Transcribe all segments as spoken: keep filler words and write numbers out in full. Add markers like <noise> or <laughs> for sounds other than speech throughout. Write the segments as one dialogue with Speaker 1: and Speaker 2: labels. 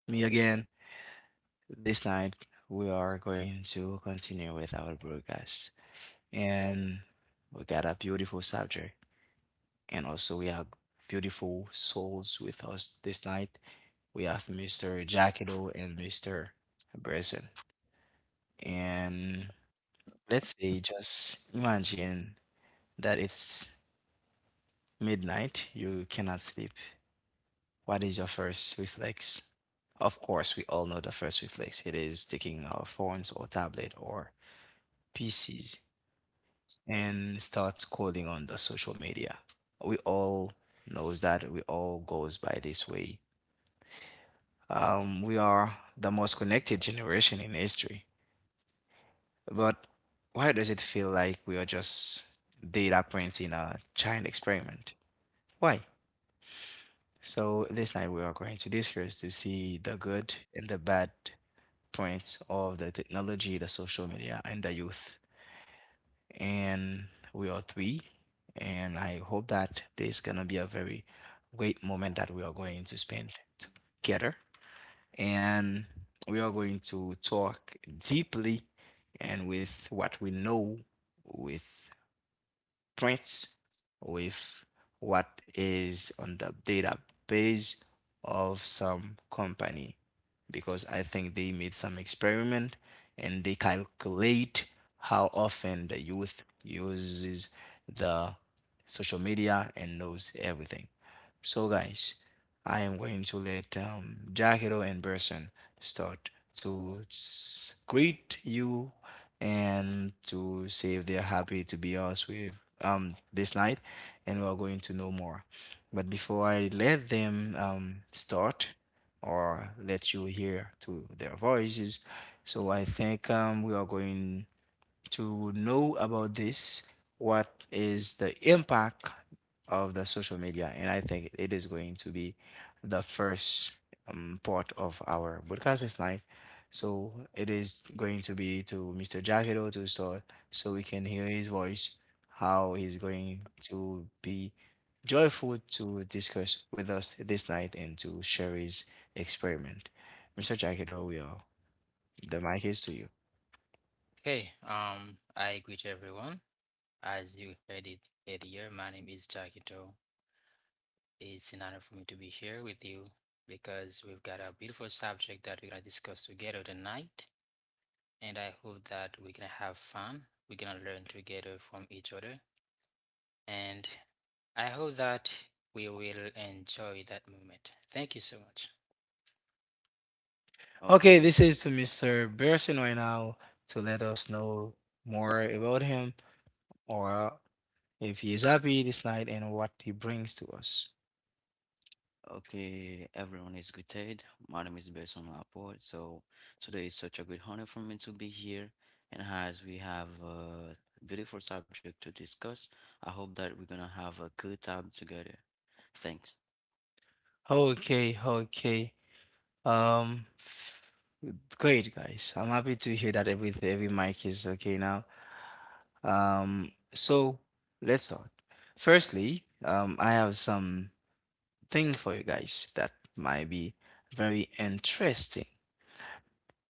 Speaker 1: me again. This night we are going to continue with our broadcast, and we got a beautiful subject, and also we have beautiful souls with us this night. We have Mister Jackado and Mister Bresson, and let's say just imagine that it's midnight. You cannot sleep. What is your first reflex? Of course, we all know the first reflex. It is taking our phones or tablet or P Cs and start scrolling on the social media. We all knows that. We all goes by this way. Um, we are the most connected generation in history. But why does it feel like we are just data points in a giant experiment? Why? So this night we are going to discuss to see the good and the bad points of the technology, the social media, and the youth. And we are three. And I hope that this is gonna be a very great moment that we are going to spend together. And we are going to talk deeply and with what we know, with prints with what is on the database of some company because I think they made some experiment and they calculate how often the youth uses the social media and knows everything. So guys, I am going to let um, Jackie and Berson start to greet you and to see if they're happy to be us with um this night, and we're going to know more. But before I let them um start or let you hear to their voices, so I think um we are going to know about this, what is the impact of the social media? And I think it is going to be the first um, part of our broadcast tonight. So it is going to be to Mister Jagido to start so we can hear his voice, how he's going to be joyful to discuss with us this night and to share his experiment. Mister Jagido, we are the mic is to you.
Speaker 2: Hey, um, I greet everyone. As you heard it earlier, my name is Jakito. It's an honor for me to be here with you because we've got a beautiful subject that we're gonna discuss together tonight, and I hope that we're gonna have fun. We're gonna learn together from each other, and I hope that we will enjoy that moment. Thank you so much.
Speaker 1: Okay,
Speaker 3: Okay,
Speaker 1: this is to Mister Pearson right now to let us know more about him or if he is happy this night and what he brings to us.
Speaker 3: okay, everyone is greeted. My name is Besson Laporte. So today is such a great honor for me to be here. And as we have a beautiful subject to discuss, I hope that we're gonna have a good time together. Thanks.
Speaker 1: Okay, okay. Um, f- Great guys. I'm happy to hear that every every mic is okay now. Um, so let's start. Firstly, um, I have some thing for you guys that might be very interesting.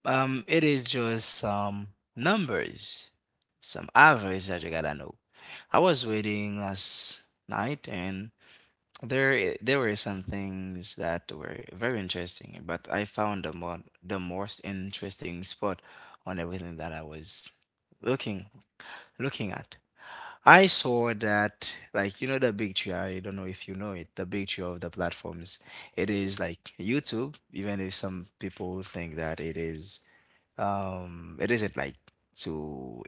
Speaker 1: Um, it is just some numbers, some average that you gotta know. I was reading last night and there i- there were some things that were very interesting, but I found the more the most interesting spot on everything that I was looking looking at. I saw that like you know the big tree, I don't know if you know it, the big tree of the platforms. It is like YouTube, even if some people think that it is um, it isn't like to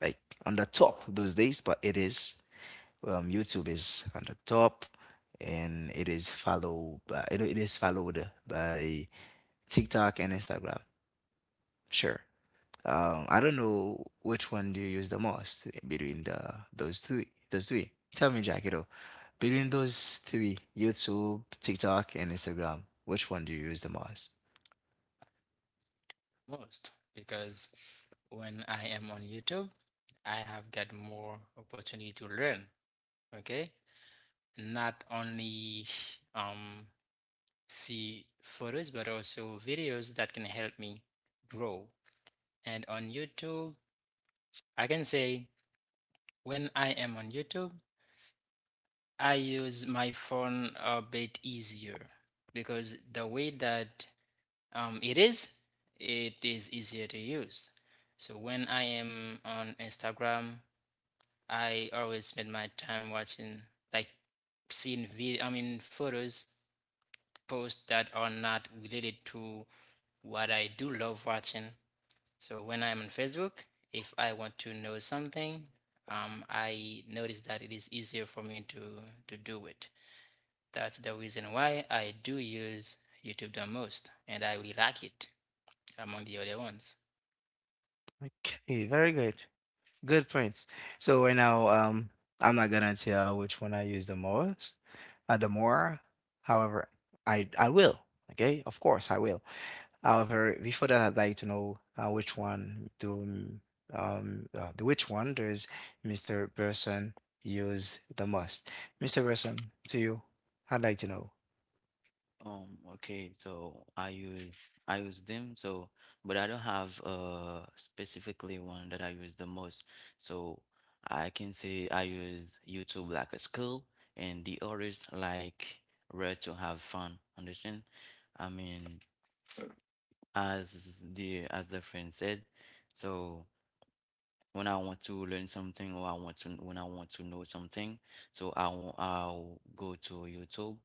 Speaker 1: like on the top those days, but it is um YouTube is on the top, and it is followed by it, it is followed by TikTok and Instagram. Sure. Um, I don't know which one do you use the most between the those three. Those three. Tell me, Jackie, though, between those three, YouTube, TikTok, and Instagram, which one do you use the most?
Speaker 2: Most, because when I am on YouTube, I have got more opportunity to learn. Okay, not only um, see photos but also videos that can help me grow. And on YouTube, I can say when I am on YouTube, I use my phone a bit easier because the way that um, it is, it is easier to use. So when I am on Instagram, I always spend my time watching, like seeing video, I mean, photos posts that are not related to what I do love watching. So when I'm on Facebook, if I want to know something, um, I notice that it is easier for me to to do it. That's the reason why I do use YouTube the most, and I really like it among the other ones.
Speaker 1: Okay, very good. Good points. So right now, um, I'm not gonna tell which one I use the most, uh, the more. However, I I will. Okay, of course I will. However, before that, I'd like to know uh, which one do m- um uh, the which one does Mister Person use the most? Mister Person, to you, I'd like to know.
Speaker 3: Um, okay, so I use I use them, so but I don't have uh specifically one that I use the most. So I can say I use YouTube like a skill and the others like where to have fun. Understand? I mean, as the as the friend said, so when I want to learn something or I want to when I want to know something, so I'll I'll go to YouTube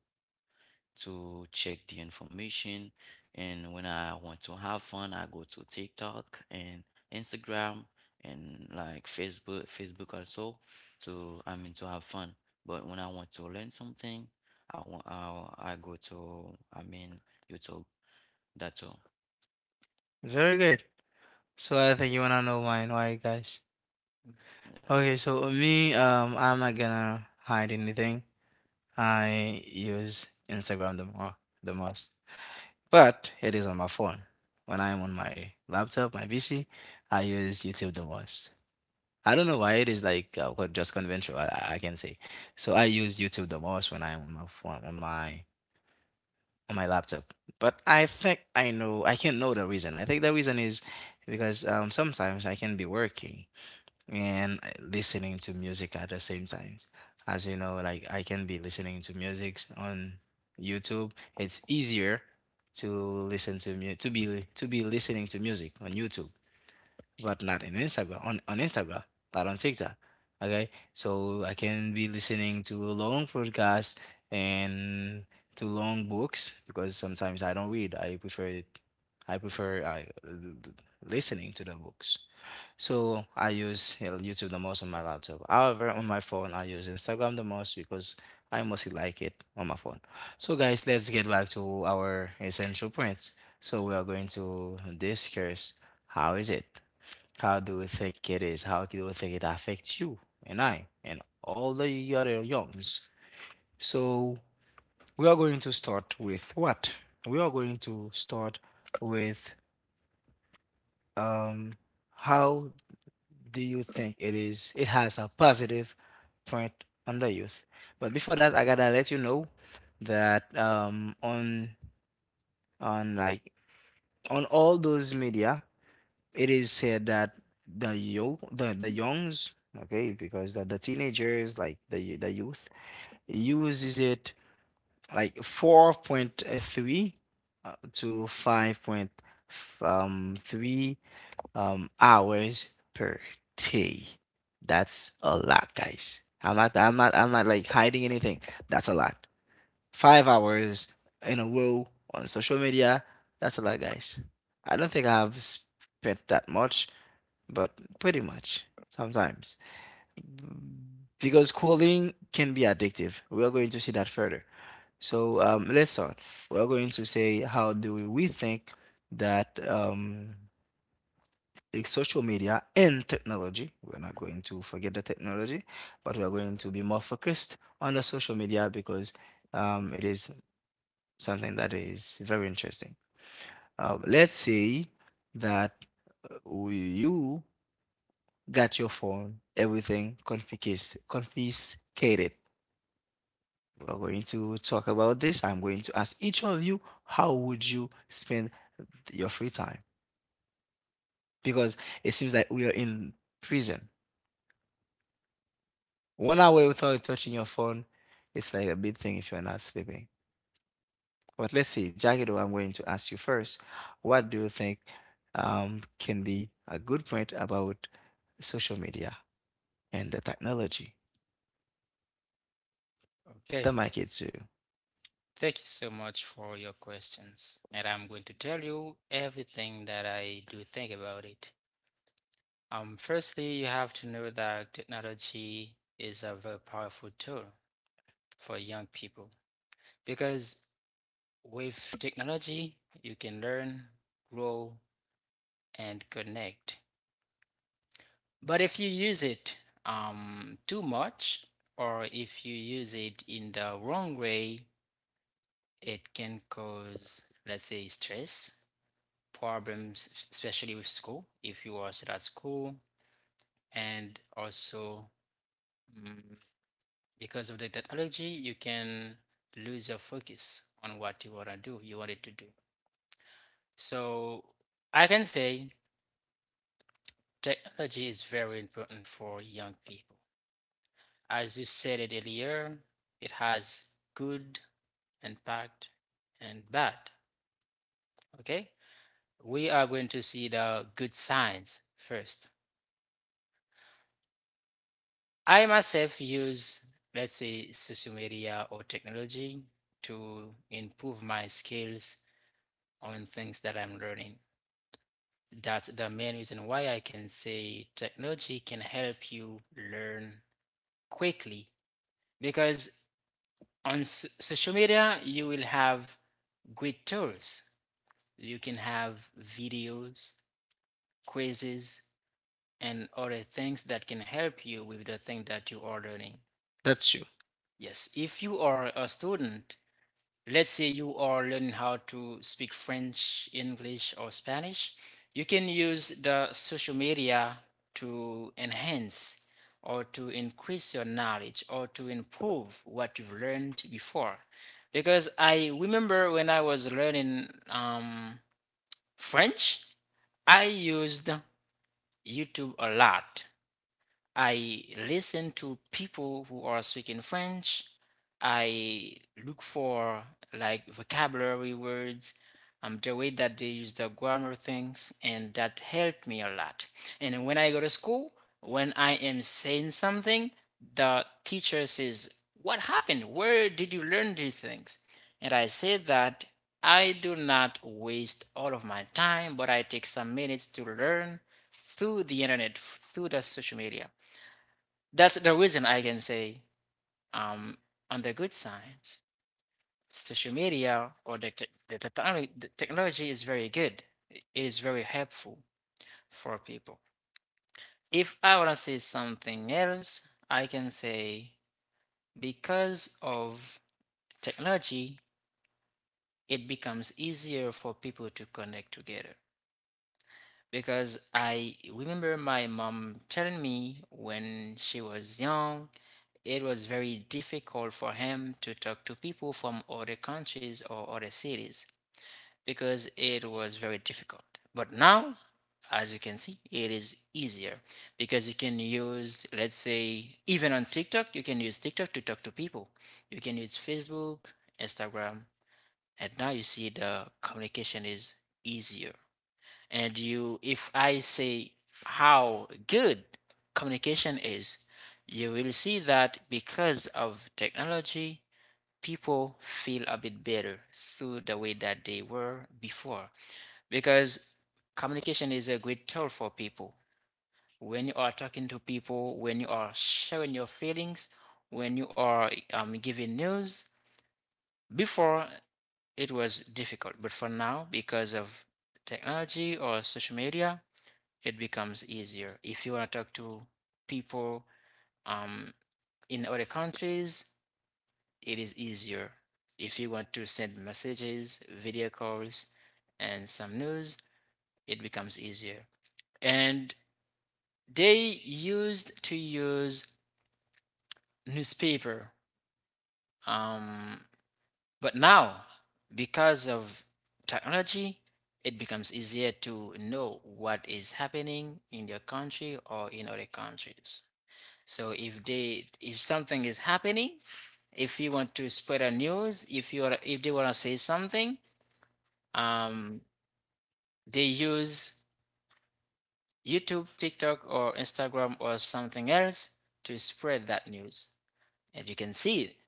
Speaker 3: to check the information. And when I want to have fun, I go to TikTok and Instagram and like Facebook, Facebook also to, I mean, to have fun. But when I want to learn something, I want, I, I go to, I mean, YouTube. That's all.
Speaker 1: Very good. So I think you wanna know mine, right, guys?
Speaker 3: Yeah.
Speaker 1: Okay, so uh, me, um, I'm not gonna hide anything. I use Instagram the more the most, but it is on my phone. When I'm on my laptop, my P C, I use YouTube the most. I don't know why it is like uh, what just conventional. I, I I can say, so I use YouTube the most when I'm on my phone on my on my laptop. But I think I know I can know the reason. I think the reason is because um sometimes I can be working and uh, listening to music at the same time. As you know, like I can be listening to music on YouTube. It's easier to listen to mu- to be to be listening to music on YouTube, but not in Instagram on on Instagram, not on TikTok. Okay, so I can be listening to long podcasts and to long books because sometimes I don't read. I prefer I prefer uh, l- l- listening to the books. So I use uh, YouTube the most on my laptop. However, on my phone, I use Instagram the most because I mostly like it on my phone. So, guys, let's get back to our essential points. So, we are going to discuss how is it? How do we think it is? How do we think it affects you and I and all the other youngs? So, we are going to start with what? We are going to start with um how do you think it is it has a positive point on the youth? But before that, I gotta let you know that um on on like on all those media, it is said that the yo the the youngs okay because the, the teenagers like the the youth uses it like four point three uh, to five point three um, hours per day. That's a lot, guys. I'm not, I'm not, I'm not like hiding anything. That's a lot. Five hours in a row on social media. That's a lot, guys. I don't think I've spent that much, but pretty much sometimes. Because scrolling can be addictive. We are going to see that further. So um, let's start. We're going to say how do we rethink that um, social media and technology. We're not going to forget the technology, but we are going to be more focused on the social media because um, it is something that is very interesting. Uh, let's say that uh, we, you got your phone, everything confiscate, confiscated. We're going to talk about this. I'm going to ask each of you how would you spend your free time? Because it seems like we are in prison. One hour without touching your phone, it's like a big thing if you're not sleeping. But let's see, Jagido, I'm going to ask you first. What do you think um, can be a good point about social media and the technology? The
Speaker 2: Okay,
Speaker 1: mic is to you.
Speaker 2: thank you so much for your questions, and I'm going to tell you everything that I do think about it. Um, firstly, you have to know that technology is a very powerful tool for young people because with technology, you can learn, grow, and connect. But if you use it um, too much, or if you use it in the wrong way, it can cause, let's say, stress, problems, especially with school, if you are still at school, and also mm, because of the technology, you can lose your focus on what you want to do, you wanted to do. So I can say technology is very important for young people. As you said it earlier, it has good impact and bad. Okay? We are going to see the good signs first. I myself use, let's say, social media or technology to improve my skills on things that I'm learning. That's the main reason why I can say technology can help you learn quickly because on s- social media you will have great tools. You can have videos, quizzes, and other things that can help you with the thing that you are learning.
Speaker 1: That's you.
Speaker 2: Yes, if you are a student, let's say you are learning how to speak French, English, or Spanish, you can use the social media to enhance or to increase your knowledge or to improve what you've learned before. Because I remember when I was learning um, French, I used YouTube a lot. I listen to people who are speaking French. I look for like vocabulary words, um, the way that they use the grammar things, and that helped me a lot. And when I go to school, when I am saying something, the teacher says, "What happened? Where did you learn these things?" And I say that I do not waste all of my time, but I take some minutes to learn through the internet, f- through the social media. That's the reason I can say um on the good side, social media or the te- the, technology, the technology is very good. It is very helpful for people. If I want to say something else, I can say because of technology, it becomes easier for people to connect together. Because I remember my mom telling me when she was young it was very difficult for him to talk to people from other countries or other cities because it was very difficult. But now, as you can see, it is easier because you can use, let's say, even on TikTok, you can use TikTok to talk to people. You can use Facebook, Instagram, and now you see the communication is easier. And you if I say how good communication is, you will see that because of technology people feel a bit better through the way that they were before, because communication is a great tool for people when you are talking to people, when you are sharing your feelings, when you are um, giving news. Before it was difficult, but for now because of technology or social media it becomes easier. If you want to talk to people um, in other countries, it is easier. If you want to send messages, video calls, and some news, it becomes easier. And they used to use newspaper, um, but now because of technology, it becomes easier to know what is happening in your country or in other countries. So if they if something is happening, if you want to spread a news, if you are if they want to say something, um, they use YouTube, TikTok, or Instagram or something else to spread that news. And you can see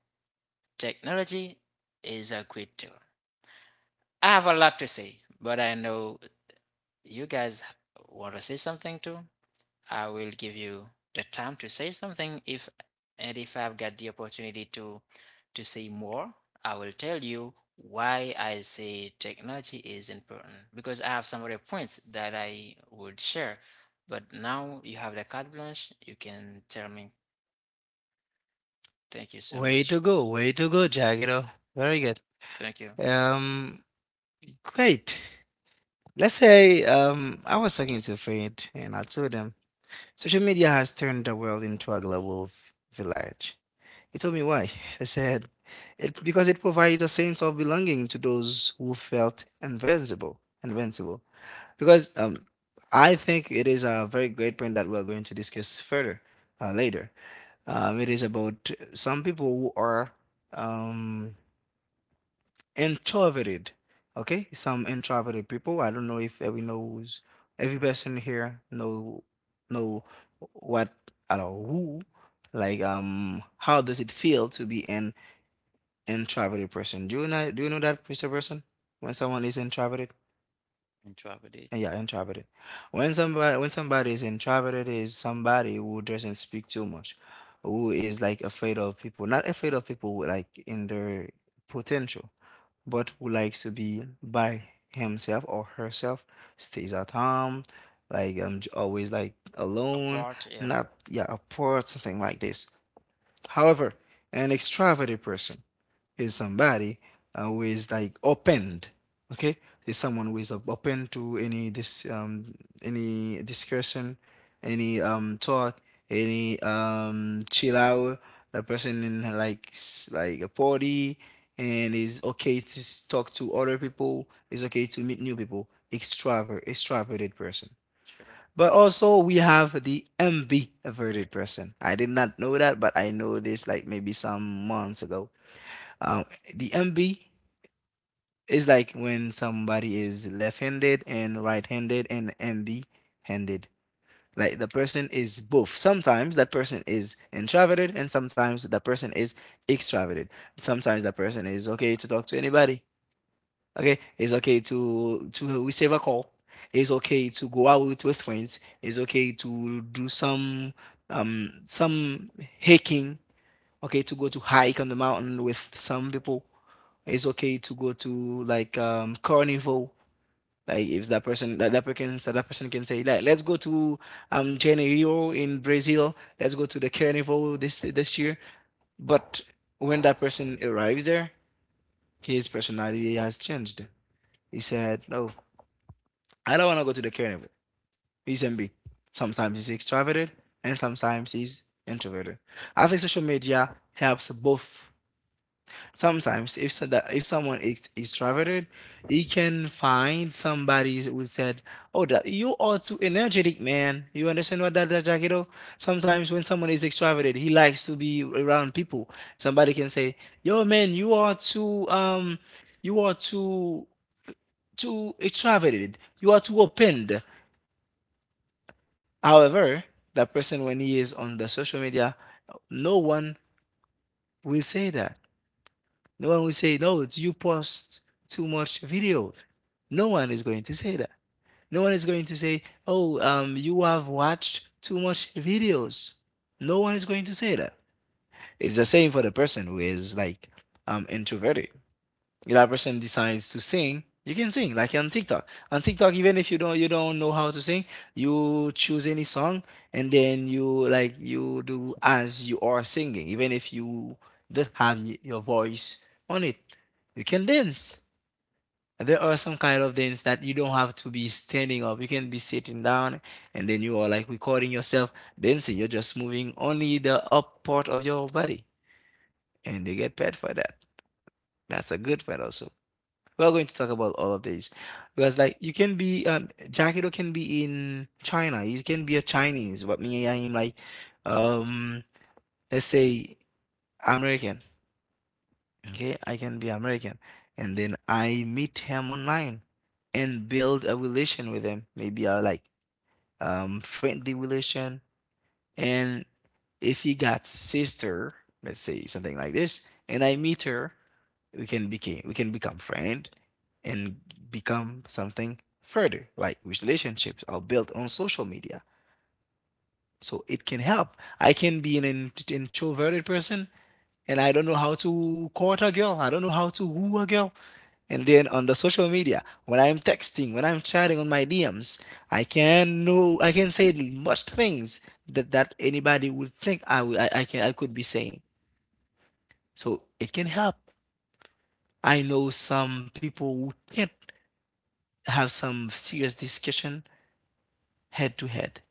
Speaker 2: technology is a great tool. I have a lot to say, but I know you guys want to say something too. I will give you the time to say something, if and if I've got the opportunity to to say more, I will tell you why I say technology is important because I have some other points that I would share. But now you have the carte blanche, you can tell me. Thank you so
Speaker 1: Way to
Speaker 2: much.
Speaker 1: go, way to go, Jagido. Very good.
Speaker 2: Thank you.
Speaker 1: Um, Great. Let's say um, I was talking to a friend and I told them social media has turned the world into a global v- village. He told me why. I said, it, because it provides a sense of belonging to those who felt invincible, invincible. Because um, I think it is a very great point that we're going to discuss further uh, later. Um, it is about some people who are um, introverted. Okay, some introverted people. I don't know if every knows every person here know know what or who like um how does it feel to be an introverted person. Do you know do you know that Mister Person? When someone is introverted?
Speaker 3: And travel day.
Speaker 1: Uh, Yeah, introverted. When somebody when somebody is introverted is somebody who doesn't speak too much, who is like afraid of people. Not afraid of people who, like in their potential, but who likes to be by himself or herself, stays at home, like um j- always like alone,
Speaker 2: Apart, yeah,
Speaker 1: not yeah, apart, something like this. However, an extroverted person is somebody uh, who is like opened okay is someone who is op- open to any this um any discussion any um talk any um chill out the person in like s- like a party and is okay to s- talk to other people is okay to meet new people extrovert extroverted person
Speaker 2: sure.
Speaker 1: but also we have the MB averted person I did not know that but I know this like maybe some months ago um, the M B is like when somebody is left-handed and right-handed and M B-handed. Like the person is both. Sometimes that person is introverted and sometimes that person is extroverted. Sometimes that person is okay to talk to anybody. Okay, it's okay to to receive a call. It's okay to go out with, with friends. It's okay to do some um some hiking. Okay, to go to hike on the mountain with some people it's okay to go to like um carnival. Like if that person that, that person so that person can say like let's go to um Janeiro in Brazil. Let's go to the carnival this this year. But when that person arrives there, his personality has changed. He said, "No, I don't want to go to the carnival." He's M B. Sometimes he's extroverted and sometimes he's introverted. I think social media helps both. Sometimes, if so that if someone is extroverted, he can find somebody who said, "Oh, that you are too energetic, man." You understand what that that Jagido? Sometimes when someone is extroverted, he likes to be around people. Somebody can say, "Yo, man, you are too um, you are too too extroverted. You are too opened." However, that person, when he is on the social media, no one will say that. No one will say, no, you post too much video. No one is going to say that. No one is going to say, oh, um, you have watched too much videos. No one is going to say that. It's the same for the person who is like um, introverted. If that person decides to sing, you can sing like on TikTok. On TikTok, even if you don't you don't know how to sing, you choose any song and then you like you do as you are singing, even if you don't have y- your voice on it. You can dance. There are some kind of dance that you don't have to be standing up. You can be sitting down and then you are like recording yourself dancing. You're just moving only the up part of your body and you get paid for that. That's a good part also. We're going to talk about all of these because, like, you can be um, Jackiro can be in China. He can be a Chinese, but me, I am like, um, let's say American. Okay, I can be American, and then I meet him online and build a relation with him. Maybe a like um friendly relation. And if he got sister, let's say something like this, and I meet her, we can become we can become friend and become something further, like which relationships are built on social media. So it can help. I can be an int- introverted person, and I don't know how to court a girl, I don't know how to woo a girl, and then on the social media when I'm texting, when I'm chatting on my DMs, i can know I can say much things that that anybody would think i would I, I can, I could be saying. So it can help. I know some people who can't have some serious discussion head to head.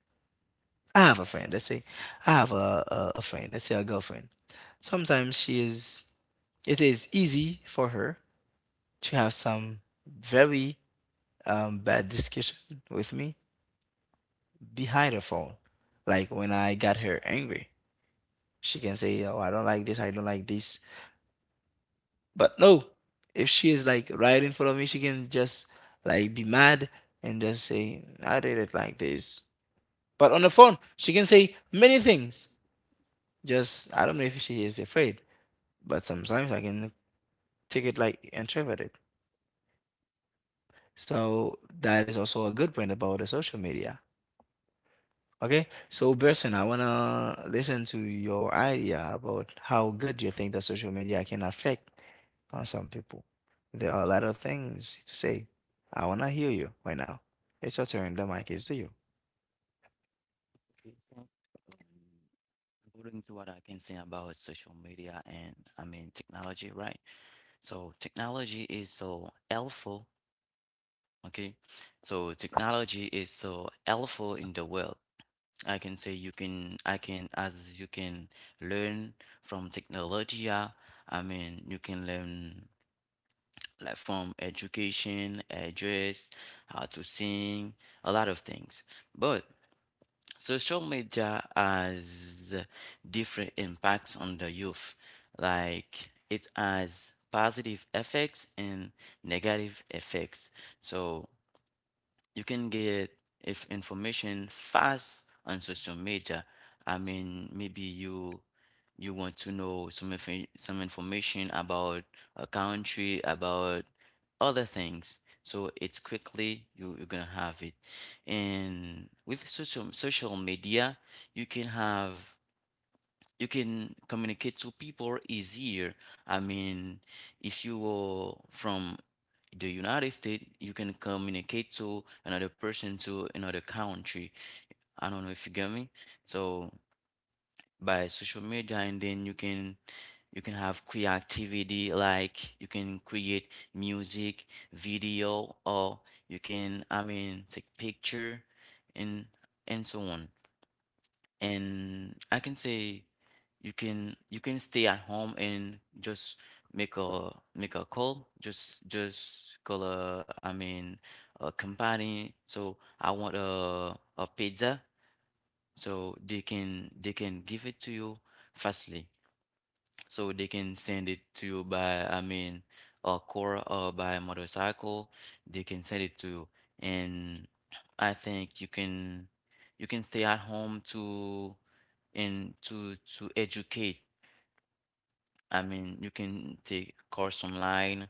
Speaker 1: I have a friend. Let's say I have a, a, a friend. Let's say a girlfriend. Sometimes she is. It is easy for her to have some very um, bad discussion with me behind her phone. Like when I got her angry, she can say, "Oh, I don't like this. I don't like this." But no, if she is like right in front of me, she can just like be mad and just say, "I did it like this." But on the phone, she can say many things. Just I don't know if she is afraid, but sometimes I can take it, like interpret it. So that is also a good point about the social media. Okay, so Berson, I wanna listen to your idea about how good you think that social media can affect on some people. There are a lot of things to say. I wanna hear you right now. It's your turn. The mic is to you.
Speaker 3: Okay, so, um, according to what I can say about social media and I mean technology, right? So technology is so helpful. Okay, so technology is so helpful in the world. I can say you can, I can, as you can learn from technology. uh, I mean, you can learn like from education, address how to sing, a lot of things. But social media has different impacts on the youth. Like it has positive effects and negative effects. So you can get if information fast on social media. I mean, maybe you you want to know some infor- some information about a country, about other things. So it's quickly you, you're gonna have it. And with social social media, you can have you can communicate to people easier. I mean, if you are from the United States, you can communicate to another person to another country. I don't know if you get me. So by social media, and then you can you can have creativity, like you can create music, video, or you can, I mean, take picture and and so on, and I can say you can you can stay at home and just make a make a call, just just call a I mean, a company, so I want a a pizza, so they can they can give it to you fastly, so they can send it to you by I mean, a car or by motorcycle, they can send it to you. And I think you can you can stay at home to and to to educate. I mean, you can take course online,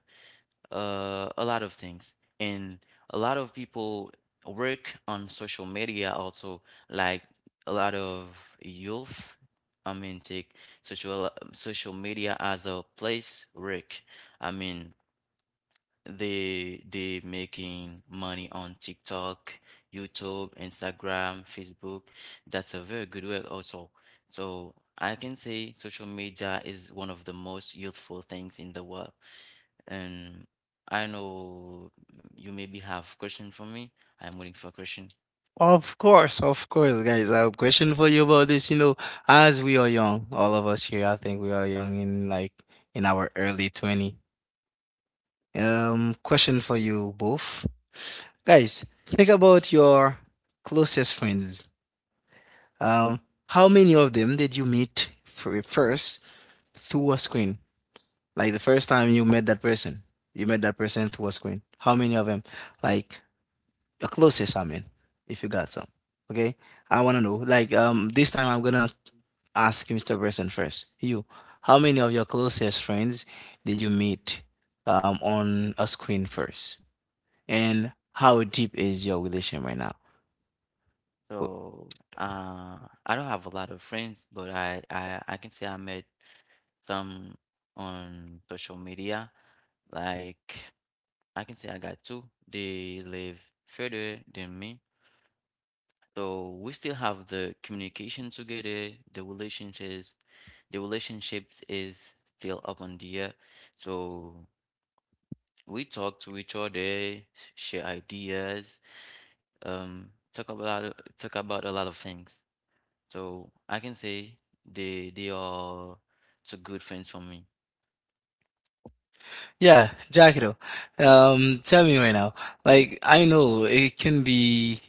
Speaker 3: uh, a lot of things. And a lot of people work on social media also, like a lot of youth. I mean, take social social media as a place work. I mean, they they making money on TikTok, YouTube, Instagram, Facebook. That's a very good work also. So I can say social media is one of the most useful things in the world. And I know you maybe have question for me. I'm waiting for a question.
Speaker 1: Of course, of course, guys. I have a question for you about this. You know, as we are young, all of us here, I think we are young in like in our early twenty. Um, question for you both. Guys, think about your closest friends. Um, how many of them did you meet fir- first through a screen? Like the first time you met that person, you met that person through a screen. How many of them? Like your closest, I mean, if you got some. Okay? I wanna know. Like um this time I'm gonna ask mister Person first. You, how many of your closest friends did you meet um on a screen first? And how deep is your relation right now? Wh-
Speaker 3: So uh, I don't have a lot of friends, but I, I I can say I met some on social media like. I can say I got two. They live further than me. So we still have the communication together, the relationships, the relationships is still up on the air. So we talk to each other, share ideas, um, talk about talk about a lot of things. So I can say they they are two good friends for me.
Speaker 1: Yeah, Jackie. Um, tell me right now. Like I know it can be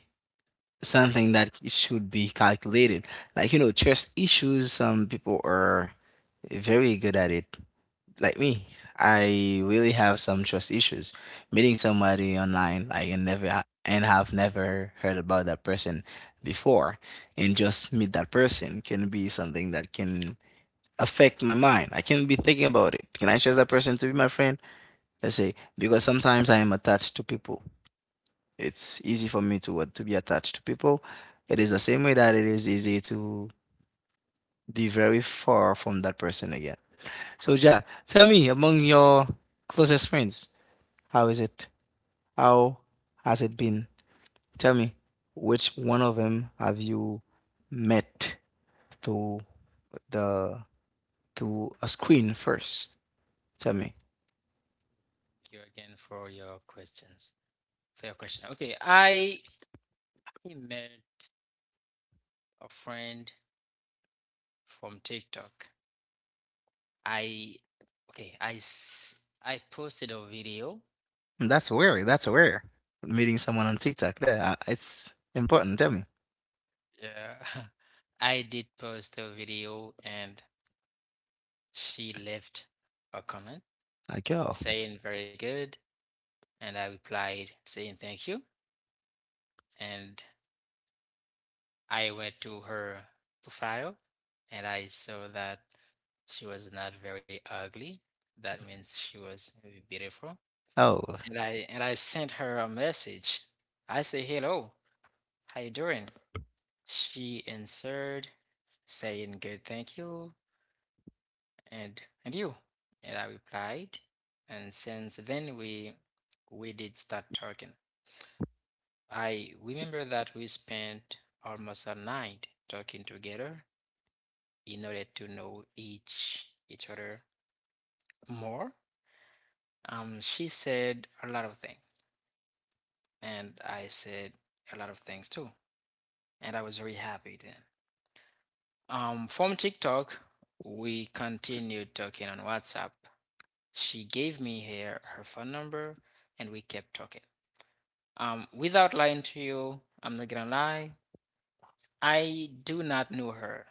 Speaker 1: something that it should be calculated. Like, you know, trust issues, some people are very good at it. Like me, I really have some trust issues. Meeting somebody online, I can never ha- and have never heard about that person before, and just meet that person can be something that can affect my mind. I can be thinking about it. Can I trust that person to be my friend? Let's say because sometimes I am attached to people, it's easy for me to what, to be attached to people. It is the same way that it is easy to be very far from that person again. So Jack, tell me, among your closest friends, how is it? How has it been? Tell me, which one of them have you met through the through a screen first? Tell me.
Speaker 2: Thank you again for your questions. For your question. Okay, I I met a friend from TikTok. I Okay, I s- I posted a video.
Speaker 1: That's weird. That's weird. Meeting someone on TikTok there, uh, it's important. Tell me,
Speaker 2: Yeah, <laughs> I did post a video, and she left a comment
Speaker 1: like, yo,
Speaker 2: saying very good, and I replied saying thank you. And I went to her profile, and I saw that she was not very ugly. That means she was very beautiful.
Speaker 1: oh.
Speaker 2: And I and I sent her a message. I say hello, how you doing? She answered, saying good thank you and and you. And I replied, and since then we we did start talking. I remember that we spent almost a night talking together in order to know each each other more. Um, she said a lot of things, and I said a lot of things too. And I was very happy then. Um, from TikTok, we continued talking on WhatsApp. She gave me her, her phone number and we kept talking. Um, without lying to you, I'm not gonna lie, I do not know her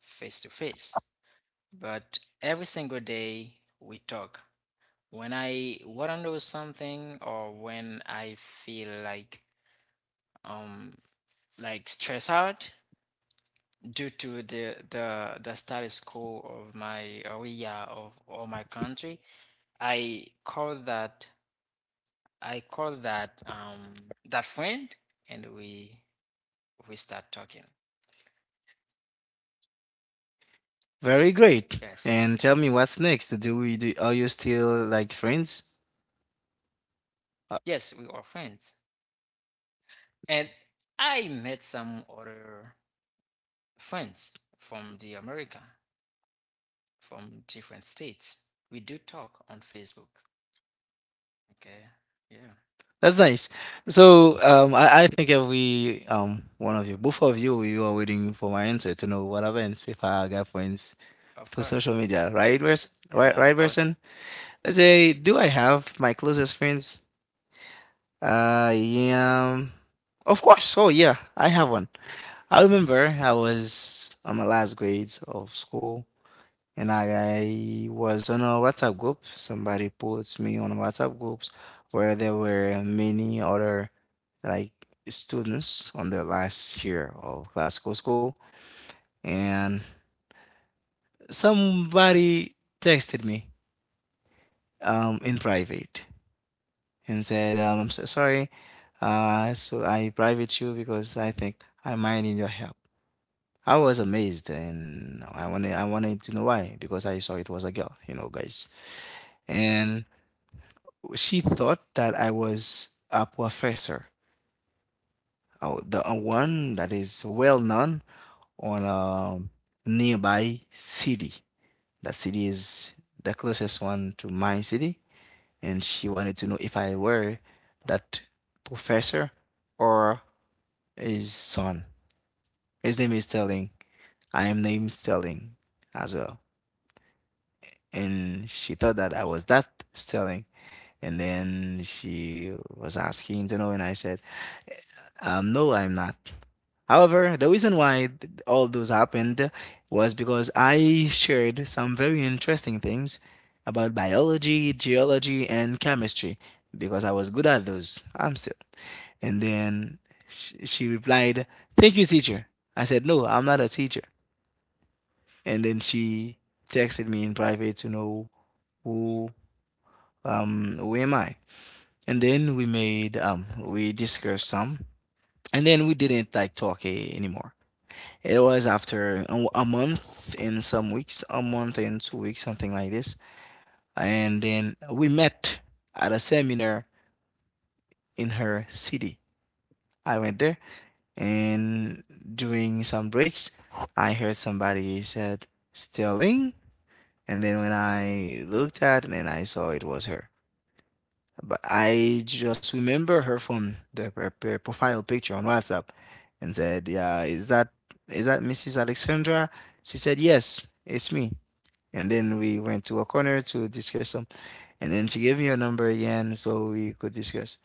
Speaker 2: face to face, but every single day we talk. When I want to know something or when I feel like um like stressed out due to the the the status quo of my area of or my country, I call that I call that um that friend and we we start talking.
Speaker 1: Very
Speaker 2: Yes.
Speaker 1: great. And tell me what's next. Do we do Are you still like friends? Uh,
Speaker 2: Yes, we are friends. And I met some other friends from the America, from different states. We do talk on Facebook. Okay. Yeah.
Speaker 1: That's nice. So um I, I think if we um one of you, both of you, you are waiting for my answer to know what happens if I got friends
Speaker 2: Of
Speaker 1: through social
Speaker 2: course.
Speaker 1: media, right, person, right
Speaker 3: Yeah,
Speaker 2: Yeah.
Speaker 1: right
Speaker 3: of course.
Speaker 1: person? Let's say, do I have my closest friends? Uh, yeah. Of course. Oh yeah, I have one. I remember I was on my last grades of school, and I, I was on a WhatsApp group. Somebody put me on WhatsApp groups where there were many other like students on their last year of classical school, and somebody texted me um, in private and said, um, "I'm so sorry, uh, so I private you because I think I might need your help." I was amazed, and I wanted I wanted to know why, because I saw it was a girl, you know, guys, and she thought that I was a professor, uh, the uh, one that is well known on a nearby city. That city is the closest one to my city, and she wanted to know if I were that professor or his son. His name is Sterling. I am named Sterling as well. And she thought that I was that Sterling. And then she was asking to know, and I said, um, no, I'm not. However, the reason why th- all those happened was because I shared some very interesting things about biology, geology, and chemistry, because I was good at those. I'm still. And then sh- she replied, thank you, teacher. I said, no, I'm not a teacher. And then she texted me in private to know who, um who am I. And then we made um we discussed some, and then we didn't like talk, eh, anymore. It was after a a month in some weeks, a month in two weeks, something like this. And then we met at a seminar in her city. I went there, and during some breaks, I heard somebody said Sterling, and then when I looked at it, and I saw it was her. But I just remember her from the her p- profile picture on WhatsApp and said, "Yeah, is that is that missus Alexandra?" She said, "Yes, it's me." And then we went to a corner to discuss some. And then she gave me her number again so we could discuss.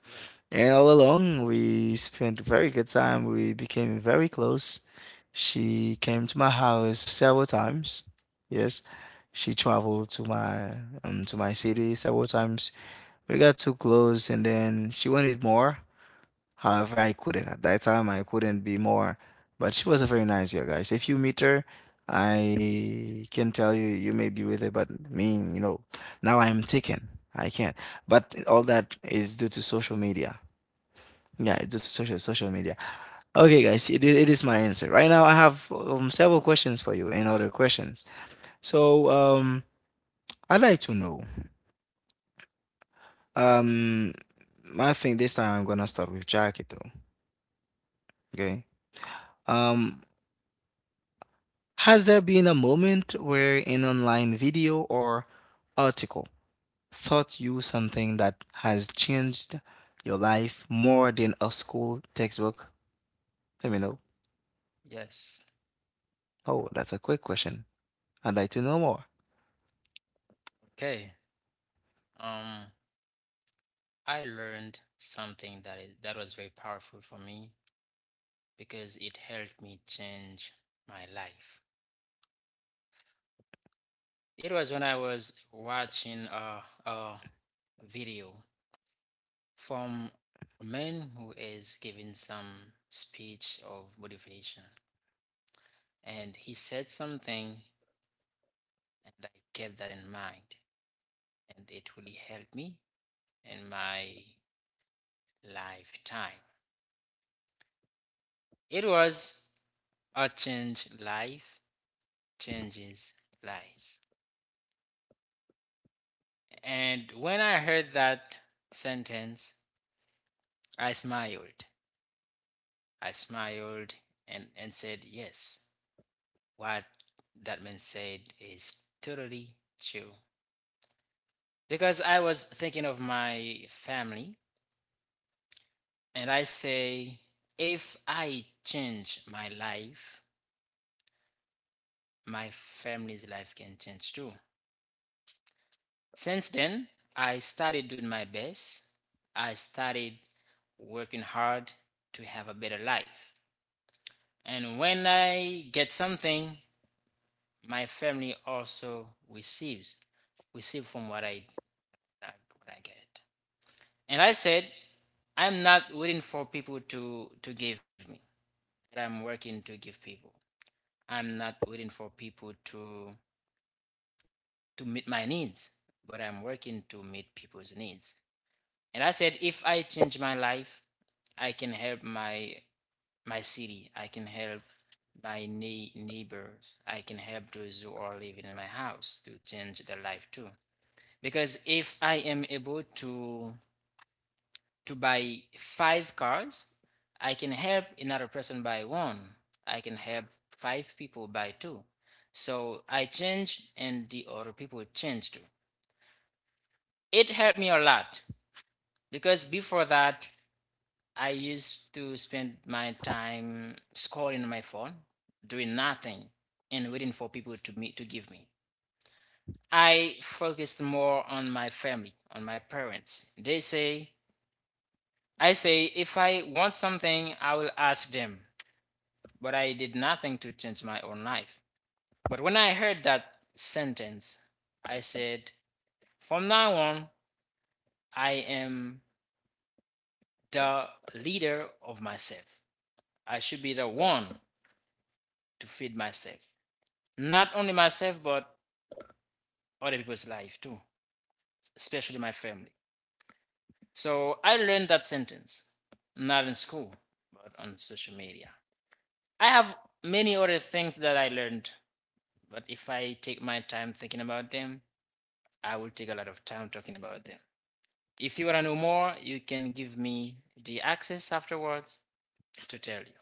Speaker 1: And all along, we spent very good time. We became very close. She came to my house several times. Yes, she traveled to my um to my city several times. We got too close, and then she wanted more. However, I couldn't at that time. I couldn't be more. But she was a very nice girl, guys. If you meet her, I can tell you you may be with her, but me, you know, now I'm taken. I can't. But all that is due to social media. Yeah, it's due to social social media. Okay, guys, it, i- it is my answer. Right now, I have um, several questions for you and other questions. So, um, I'd like to know. Um, I think this time I'm gonna start with Jackie though. Okay. Um, has there been a moment where an online video or article taught you something that has changed your life more than a school textbook? Let me know.
Speaker 2: Yes.
Speaker 1: Oh, that's a quick question. I'd like to know more.
Speaker 2: Okay. Um I learned something that is, that was very powerful for me because it helped me change my life. It was when I was watching a, a video from a man who is giving some speech of motivation. And he said something, and I kept that in mind. And it really helped me in my lifetime. It was, a change life changes lives. And when I heard that sentence, I smiled I smiled and, and said yes. What that man said is totally true. Because I was thinking of my family, and I say, if I change my life, my family's life can change too. Since then, I started doing my best. I started working hard to have a better life. And when I get something, my family also receives receive from what I what I get. And I said, I'm not waiting for people to to give me. I'm working to give people. I'm not waiting for people to to meet my needs, but I'm working to meet people's needs. And I said, if I change my life, I can help my my city. I can help my nei- neighbors. I can help those who are living in my house to change their life too. Because if I am able to to buy five cars, I can help another person buy one. I can help five people buy two. So I change and the other people change too. It helped me a lot because before that I used to spend my time scrolling on my phone doing nothing and waiting for people to meet to give me. I focused more on my family, on my parents. They say, I say if I want something, I will ask them, but I did nothing to change my own life. But when I heard that sentence, I said, from now on, I am the leader of myself. I should be the one to feed myself. Not only myself, but other people's life too, especially my family. So I learned that sentence, not in school, but on social media. I have many other things that I learned. But if I take my time thinking about them, I will take a lot of time talking about them. If you want to know more, you can give me the access afterwards to tell you.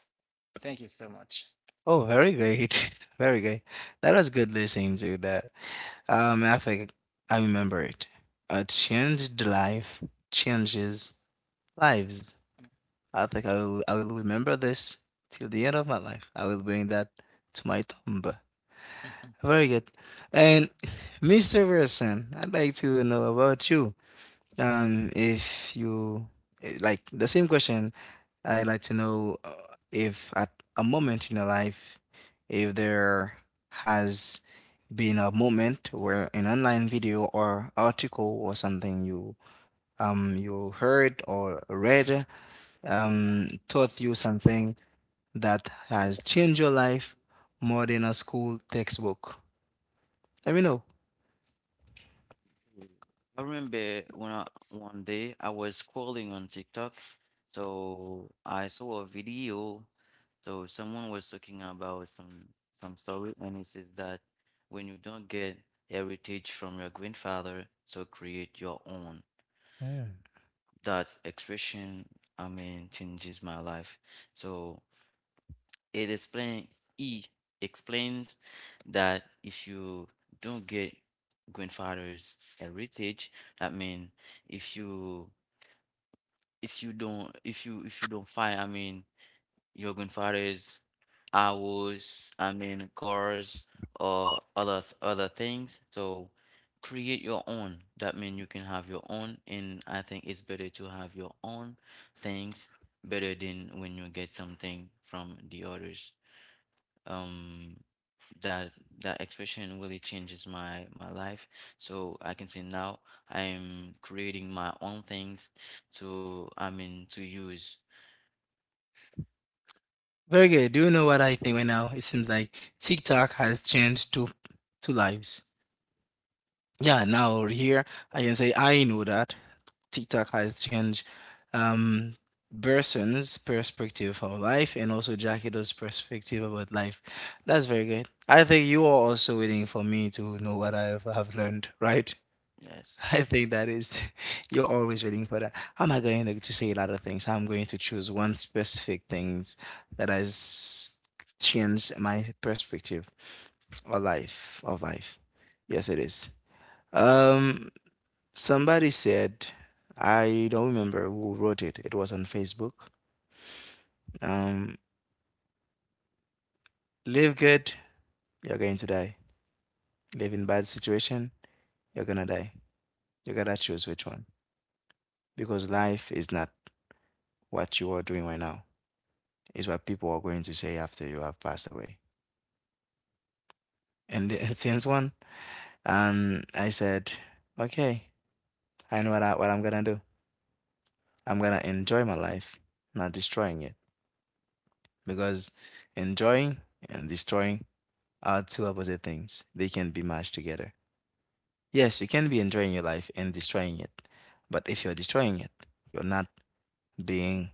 Speaker 2: Thank you so much.
Speaker 1: Oh, very great. <laughs> Very great. That was good listening to that. Um, I think I remember it. A changed life changes lives. I think I will, I will remember this till the end of my life. I will bring that to my tomb.
Speaker 2: <laughs> I'd
Speaker 1: Very good. And mister Wilson, I'd like to know about you. Um, if you eh, like the same question, I'd like to know uh, if at a moment in your life, if there has been a moment where an online video or article or something you um you heard or read um taught you something that has changed your life more than a school textbook? Let me know.
Speaker 3: Mm. I remember when I, one day I was scrolling on TikTok, so I saw a video. So someone was talking about some some story, and it says that when you don't get heritage from your grandfather, so create your own. That expression, I mean, changes my life. So it explain he explains that if you don't get grandfather's heritage, I mean, if you if you don't if you if you don't find, I mean, your grandfather's hours, I mean, cars or other other things, so create your own. That means you can have your own, and I think it's better to have your own things better than when you get something from the others. Um that that expression really changes my my life. So I can say now I'm creating my own things to I mean, to use.
Speaker 1: Very good. Do you know what I think right now? It seems like TikTok has changed two two lives. Yeah, now here I can say I know that TikTok has changed um person's perspective of life and also Jackie's perspective about life. That's very good. I think you are also waiting for me to know what I have have learned, right?
Speaker 3: Yes,
Speaker 1: I
Speaker 3: that's correct.
Speaker 1: think that is, <laughs> you're always waiting for that. I'm not going to to say a lot of things. I'm going to choose one specific things that has changed my perspective or life, of life. Yes, it is. Um, Somebody said, I don't remember who wrote it. It was on Facebook. Um, Live good, you're going to die. Live in bad situation, you're gonna die. You gotta choose which one because life is not what you are doing right now. Is what people are going to say after you have passed away. And <laughs> since one, um, I said, okay, I know what I, what I'm gonna do. I'm gonna enjoy my life, not destroying it, because enjoying and destroying are two opposite things. They can be matched together. Yes, you can be enjoying your life and destroying it, but if you're destroying it, you're not being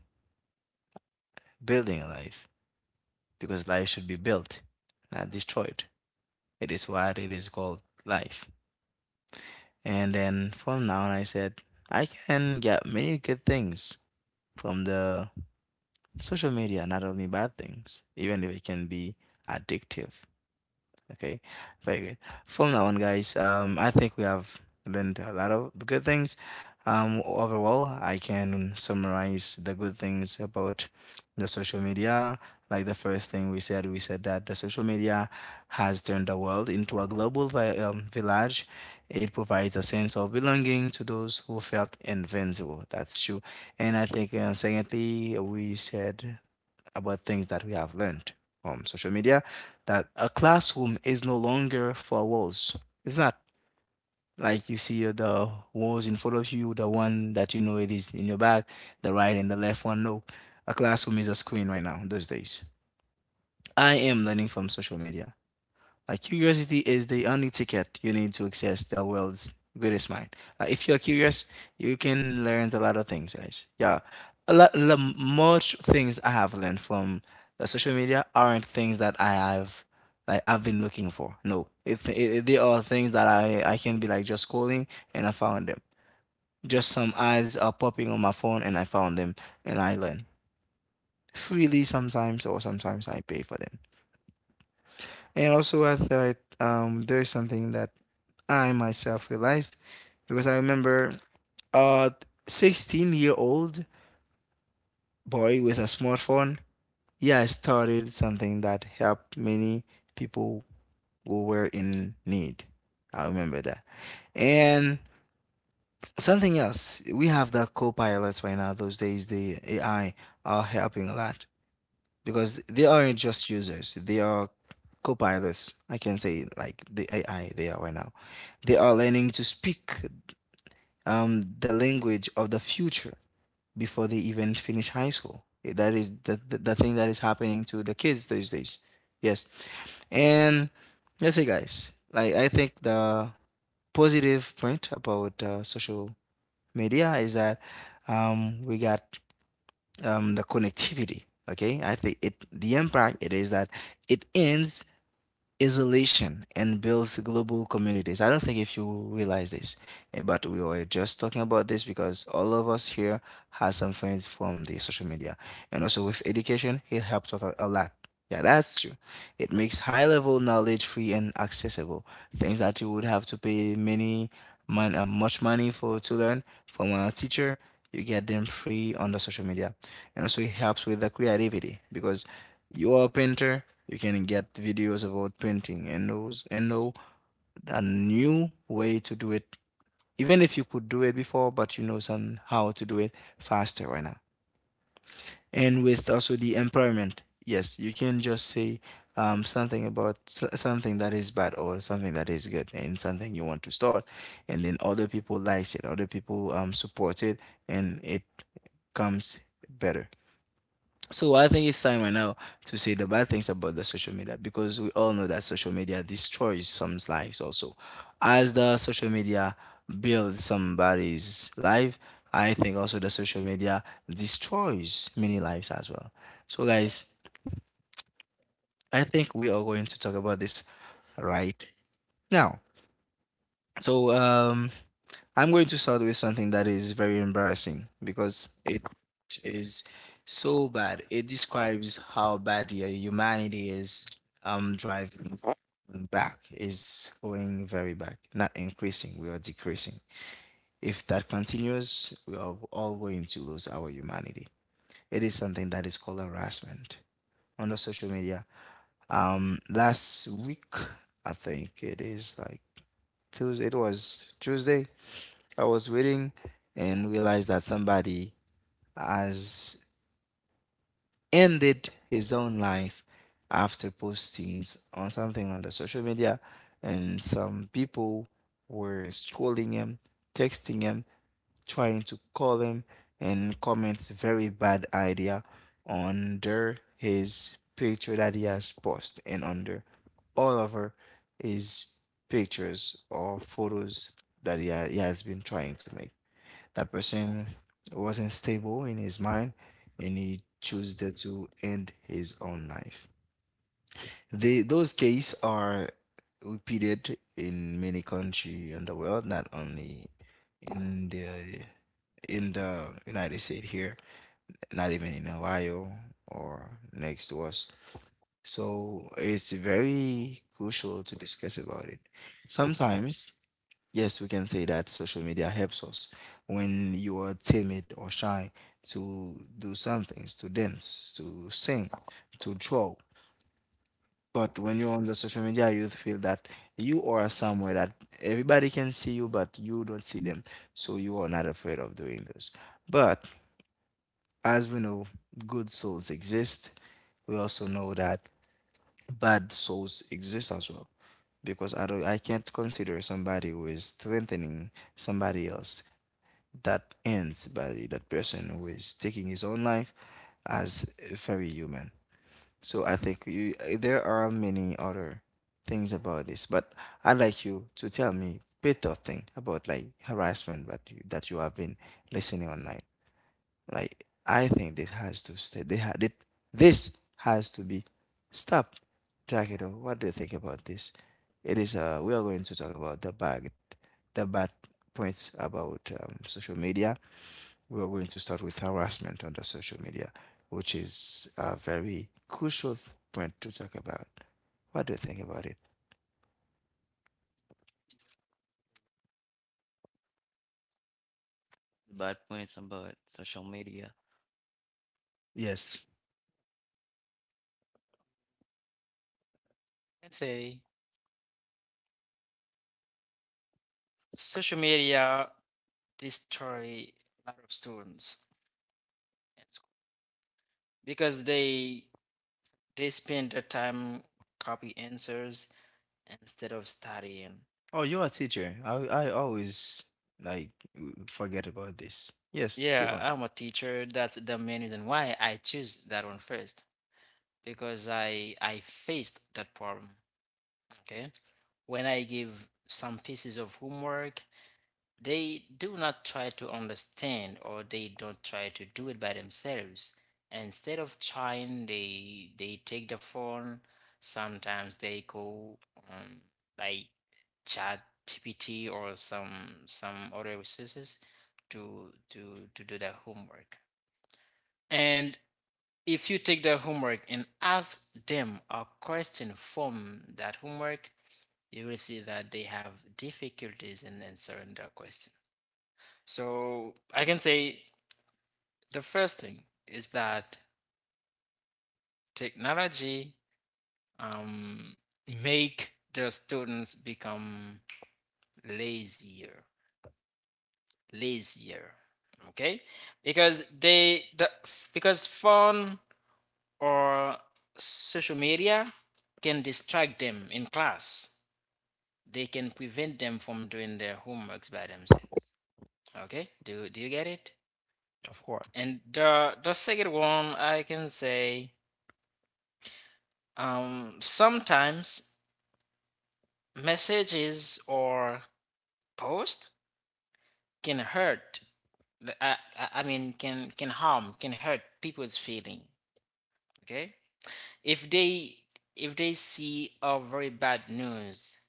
Speaker 1: building a life because life should be built, not destroyed. It is what it is called life. And then from now on, I said, I can get many good things from the social media, not only bad things, even if it can be addictive. Okay, very good. From now on, guys, um, I think we have learned a lot of good things. Um, overall, I can summarize the good things about the social media. Like the first thing we said, we said that the social media has turned the world into a global vi um, village. It provides a sense of belonging to those who felt invincible. That's true. And I think, uh, secondly, we said about things that we have learned from social media that a classroom is no longer for walls. It's not like you see the walls in front of you, the one that you know it is in your back, the right and the left one. No, a classroom is a screen right now those days. I am learning from social media. Like curiosity is the only ticket you need to access the world's greatest mind. Like if you're curious, you can learn a lot of things, guys. Yeah, a lot, lo- much things I have learned from the social media aren't things that I have like I've been looking for. No, it, it, it- they are things that I I can be like just scrolling and I found them. Just some ads are popping on my phone and I found them and I learn freely sometimes or sometimes I pay for them. And also, I thought um, there's something that I myself realized because I remember a sixteen year old boy with a smartphone. Yeah, started something that helped many people who were in need. I remember that. And something else, we have the co-pilots right now. Those days, the A I are helping a lot. Because they aren't just users, they are co-pilots. I can say like the AI, they are right now, they are learning to speak um, the language of the future before they even finish high school. That is the, the, the thing that is happening to the kids these days. Yes. And let's say guys, like I think the positive point about uh, social media is that um, we got um, the connectivity. Okay, I think it the impact it is that it ends isolation and builds global communities. I don't think if you realize this, eh, but we were just talking about this because all of us here has some friends from the social media, and also with education, it helps us a a lot. Yeah, that's true. It makes high level knowledge free and accessible. Things that you would have to pay many, mon- uh, much money for to learn from a teacher, you get them free on the social media. And also it helps with the creativity because you are a painter, you can get videos about painting and knows and know a new way to do it, even if you could do it before, but you know some how to do it faster right now. And with also the employment, yes, you can just say um, something about s- something that is bad or something that is good and something you want to start, and then other people likes it, other people um, support it and it comes better. So I think it's time right now to say the bad things about the social media because we all know that social media destroys some lives also. As the social media builds somebody's life, I think also the social media destroys many lives as well. So guys, I think we are going to talk about this right now. So um I'm going to start with something that is very embarrassing because it is so bad. It describes how bad the humanity is um driving back is going very back, not increasing. We are decreasing. If that continues, we are all going to lose our humanity. It is something that is called harassment on the social media. Um, last week, I think it is like Tuesday. It was Tuesday. I was reading and realized that somebody has ended his own life after postings on something on the social media, and some people were trolling him, texting him, trying to call him, and comments very bad idea under his picture that he has posted and under all over his pictures or photos that he, ha- he has been trying to make. That person wasn't stable in his mind and he chose that to end his own life. They, those cases are repeated in many countries in the world, not only in the in the United States here, not even in Ohio or next to us. So it's very crucial to discuss about it. Sometimes yes, we can say that social media helps us when you are timid or shy to do some things, to dance, to sing, to draw. But when you're on the social media, you feel that you are somewhere that everybody can see you, but you don't see them. So you are not afraid of doing this. But as we know, good souls exist. We also know that bad souls exist as well because I don't, I can't consider somebody who is strengthening somebody else. That ends by that person who is taking his own life as very human. So I think you, there are many other things about this, but I'd like you to tell me better thing about like harassment that you, that you have been listening online. Like I think this has to stay. They had it. This has to be stopped. Takedo, what do you think about this? It is uh, we are going to talk about the bad, the bad points about um, social media. We are going to start with harassment on the social media, which is a very crucial point to talk about. What do you think about it?
Speaker 3: Bad points about social media?
Speaker 1: Yes.
Speaker 2: say social media destroy a lot of students because they they spend their time copy answers instead of studying.
Speaker 1: Oh, you're a teacher. I I always like forget about this. Yes, keep
Speaker 2: Yeah,
Speaker 1: on.
Speaker 2: I'm a teacher. That's the main reason why I choose that one first, because I I faced that problem. Okay. When I give some pieces of homework, they do not try to understand or they don't try to do it by themselves. Instead of trying, they they take the phone. Sometimes they go um, like chat G P T or some some other resources to to to do their homework. And if you take their homework and ask them a question from that homework, you will see that they have difficulties in answering that question. So I can say the first thing is that technology, um, make the students become lazier, lazier. Okay, because they the because phone or social media can distract them in class, they can prevent them from doing their homeworks by themselves. Okay, do do you get it?
Speaker 1: Of course.
Speaker 2: And the the second one I can say, um sometimes messages or post can hurt, I, I I mean can can harm, can hurt people's feeling. Okay, if they, if they see a very bad news,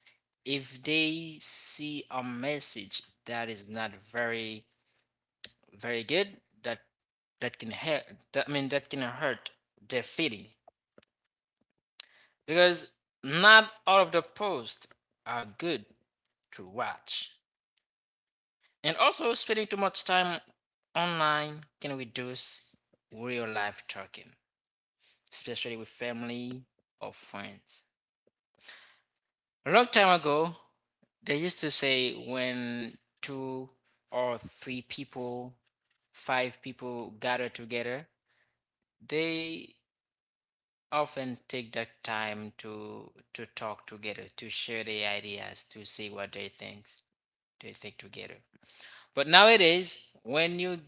Speaker 2: if they see a message that is not very very good, that that can hurt, that, i mean that can hurt their feeling, because not all of the posts are good to watch. And also spending too much time online can reduce real life talking, especially with family or friends. A long time ago, they used to say when two or three people, five people gather together, they often take the time to to talk together, to share their ideas, to see what they think, they think together. But nowadays, when you,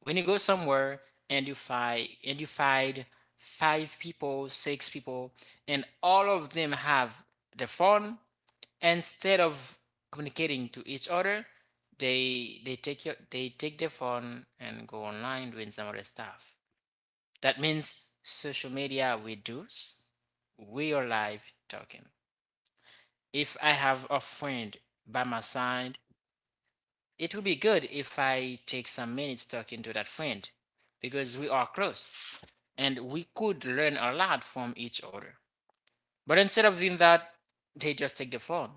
Speaker 2: when you go somewhere and you find, and you find five people, six people, and all of them have the phone, instead of communicating to each other, they they take your, they take their phone and go online doing some other stuff. That means social media reduce real life talking. If I have a friend by my side, it will be good if I take some minutes talking to that friend, because we are close and we could learn a lot from each other. But instead of doing that, they just take the phone,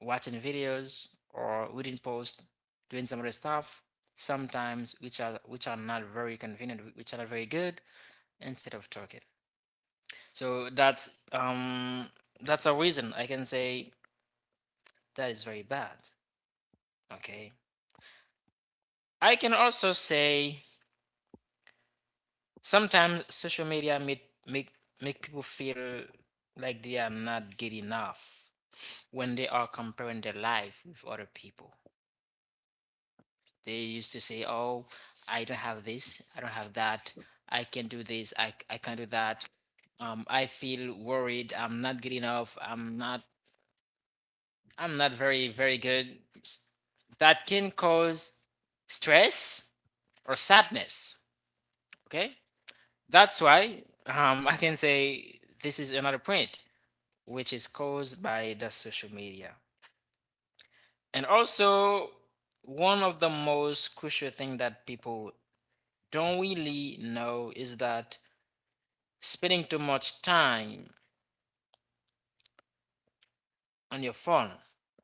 Speaker 2: watching videos or reading posts, doing some other stuff, sometimes which are, which are not very convenient, which are not very good, instead of talking. So that's um that's a reason I can say that is very bad. Okay. I can also say sometimes social media make make make people feel like they are not good enough when they are comparing their life with other people. They used to say, "Oh, I don't have this. I don't have that. I can do this. I I can not do that." Um, I feel worried. I'm not good enough. I'm not, I'm not very, very good. That can cause stress or sadness. Okay. That's why, um, I can say this is another point, which is caused by the social media. And also, one of the most crucial thing that people don't really know is that spending too much time on your phone,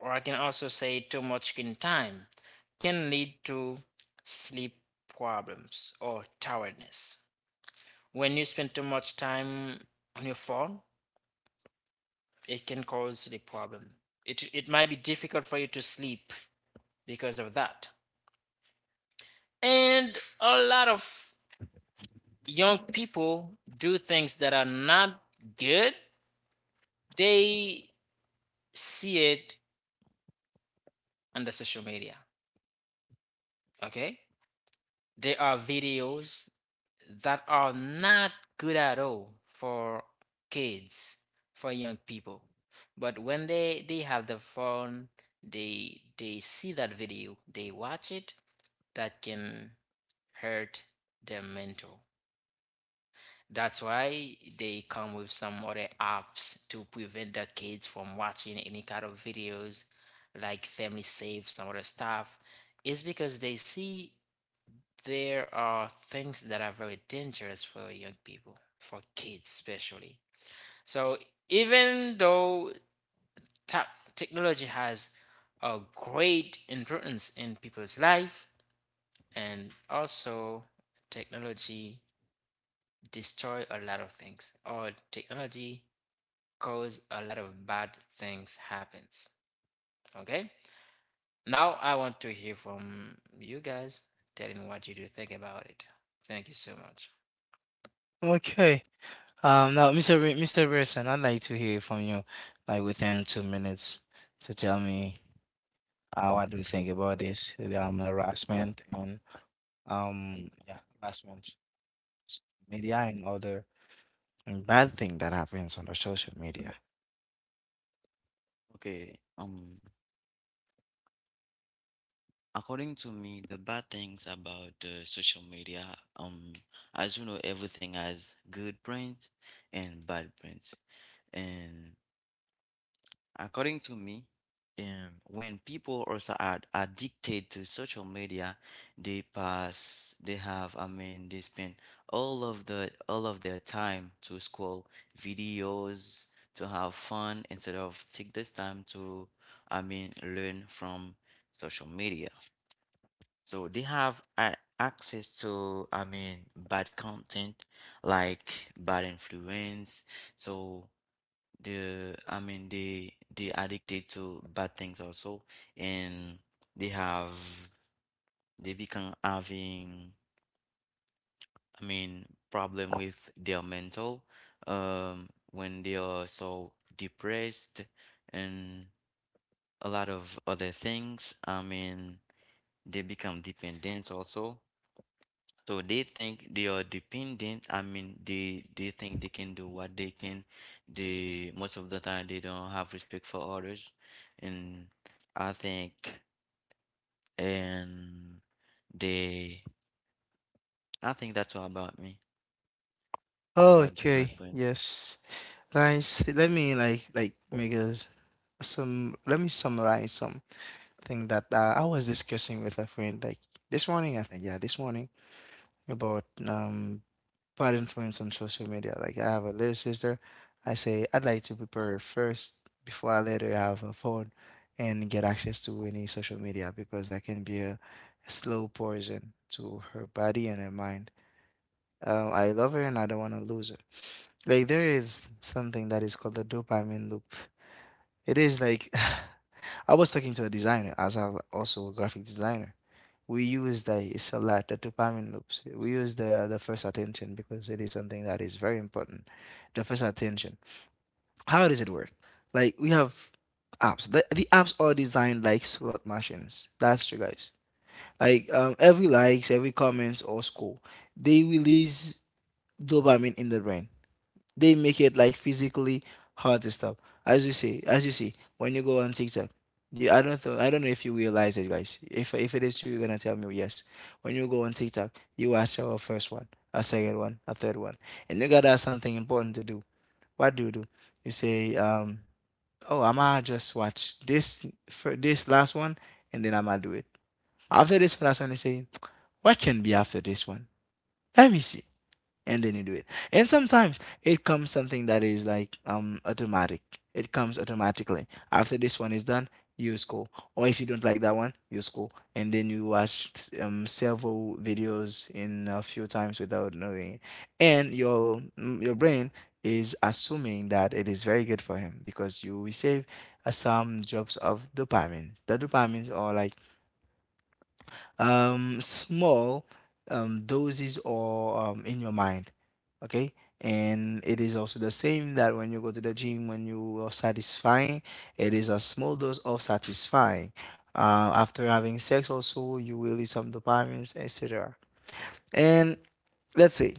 Speaker 2: or I can also say too much screen time, can lead to sleep problems or tiredness. When you spend too much time on your phone, it can cause sleep problem. It it might be difficult for you to sleep because of that. And a lot of young people do things that are not good. They see it on the social media. Okay? There are videos that are not good at all for kids, for young people. But when they they have the phone, they they see that video, they watch it, that can hurt their mental. That's why they come with some other apps to prevent the kids from watching any kind of videos, like Family Safe, some other stuff. It's because they see there are things that are very dangerous for young people, for kids especially. So even though ta- technology has a great importance in people's life, and also technology destroy a lot of things, or technology cause a lot of bad things happens. Okay, now I want to hear from you guys, telling what you do think about it. Thank you so much.
Speaker 1: Okay. Um, now, mister Wi- mister Wilson, I'd like to hear from you, like within two minutes, to tell me uh, what do you think about this, um, harassment and um, yeah, harassment, media and other and bad thing that happens on the social media.
Speaker 3: Okay, um according to me, the bad things about the social media, um as you know, everything has good points and bad points. And According to me, um, When people also are addicted to social media, they pass, they have, I mean, they spend all of the all of their time to scroll videos, to have fun instead of take this time to, I mean, learn from social media. So they have a access to, I mean, bad content like bad influence. So the I mean, they they addicted to bad things also. And they have they become having, I mean, problem with their mental, um when they are so depressed. And a lot of other things, I mean, they become dependent also. So they think they are dependent. I mean, they they think they can do what they can. They most of the time they don't have respect for others, and I think and they I think that's all about me about the bad
Speaker 1: Okay,
Speaker 3: points.
Speaker 1: yes. Guys, let me like like make a, s- some let me summarize something that uh, I was discussing with a friend like this morning, I think yeah, this morning about um bad influence on social media. Like I have a little sister, I say I'd like to prepare her first before I let her have a phone and get access to any social media because that can be a slow poison to her body and her mind. Um, I love her and I don't want to lose her. Like there is something that is called the dopamine loop. It is like <sighs> I was talking to a designer, as I'm also a graphic designer. We use the it's a lot the dopamine loops. We use the the first attention because it is something that is very important. The first attention. How does it work? Like we have apps. The, the apps are designed like slot machines. That's true, guys. Like um, every likes, every comments or score, they release dopamine in the brain. They make it like physically hard to stop. As you see, as you see, when you go on TikTok, you, I don't th- I don't know if you realize it, guys. If if it is true, you're gonna tell me yes. When you go on TikTok, you watch our first one, a second one, a third one, and you gotta have something important to do. What do you do? You say, um, oh, I'ma just watch this for this last one, and then I'ma do it. After this last one, they say, what can be after this one? Let me see, and then you do it. And sometimes it comes something that is like um automatic. It comes automatically. After this one is done, you scroll. Or if you don't like that one, you scroll. And then you watch um several videos in a few times without knowing it. And your mm, your brain is assuming that it is very good for him because you receive uh, some drops of dopamine. The dopamines are like um, small um, doses or um, in your mind. Okay. And it is also the same that when you go to the gym, when you are satisfying, it is a small dose of satisfying. Uh, after having sex, also, you release some dopamines, et cetera. And let's say,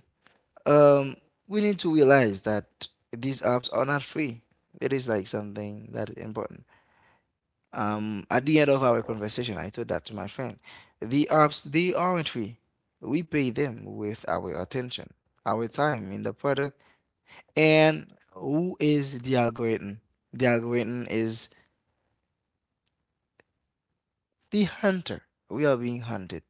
Speaker 1: um, we need to realize that these apps are not free. It is like something that is important. Um, at the end of our conversation, I told that to my friend. The apps, they aren't free. We pay them with our attention, our time in the product, and who is the algorithm? The algorithm is the hunter. We are being hunted.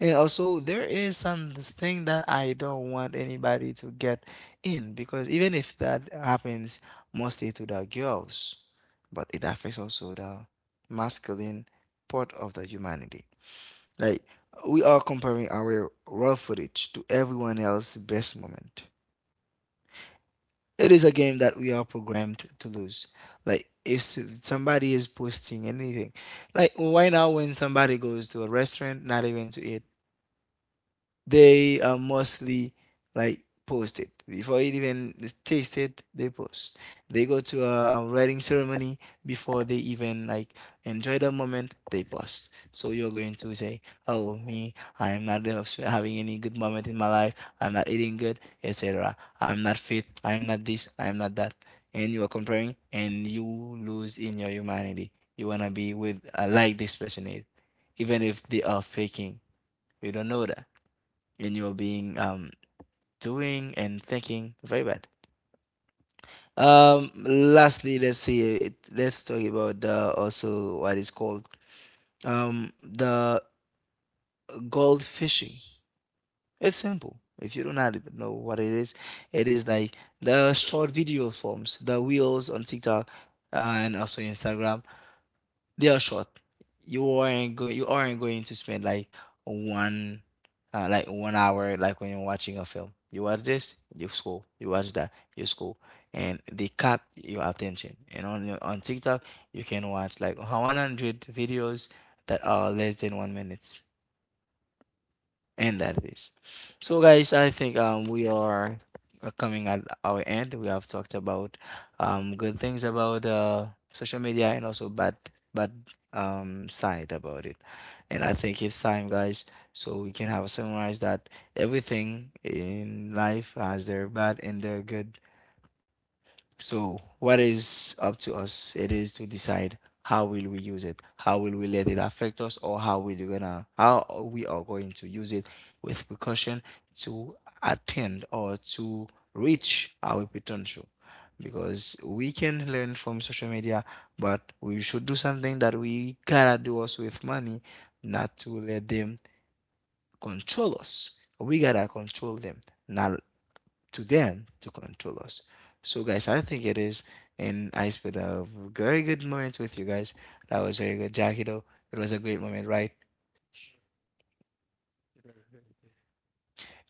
Speaker 1: And also, there is something that I don't want anybody to get in, because even if that happens mostly to the girls, but it affects also the masculine part of the humanity. Like we are comparing our raw footage to everyone else's best moment. It is a game that we are programmed to lose. Like if s- somebody is posting anything, like why now when somebody goes to a restaurant, not even to eat, they are mostly like posted before it even taste it, they post. They go to a wedding ceremony before they even like enjoy the moment, they post. So you're going to say, oh me, I'm not having any good moment in my life, I'm not eating good, etc., I'm not fit, I'm not this, I'm not that. And you are comparing and you lose in your humanity. You want to be with, uh, like this person is, even if they are faking, you don't know that, in your being, um, doing and thinking. Very bad. Um, lastly, let's see it. Let's talk about the also what is called um the gold fishing. It's simple. If you do not even know what it is, it is like the short video forms, the reels on TikTok uh, and also Instagram, they are short. You aren't going. You aren't going to spend like one, uh, like one hour, like when you're watching a film. You watch this, you scroll. You watch that, you scroll, and they cut your attention. And on your- on TikTok, you can watch like one hundred videos that are less than one minute. And that it is. So, guys, I think um we are uh, coming at our end. We have talked about um good things about uh social media, and also bad bad um side about it. And I think it's time, guys, so we can have summarize that everything in life has their bad and their good. So what is up to us? It is to decide how will we use it. How will we let it affect us, or how we gonna how we are going to use it with precaution to attend or to reach our potential. Because we can learn from social media, but we should do something that we gotta do us with money, not to let them control us. We gotta control them, not to them to control us. So, guys, I think it is, and I spent a very good moment with you guys. That was very good, Jackie. Though it was a great moment, right?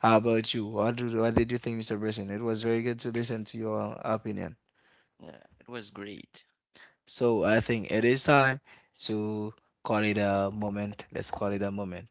Speaker 1: How about you? What do, what did you think, Mister Brisson? It was very good to listen to your opinion.
Speaker 3: Yeah, it was great.
Speaker 1: So I think it is time to call it a moment. Let's call it a moment.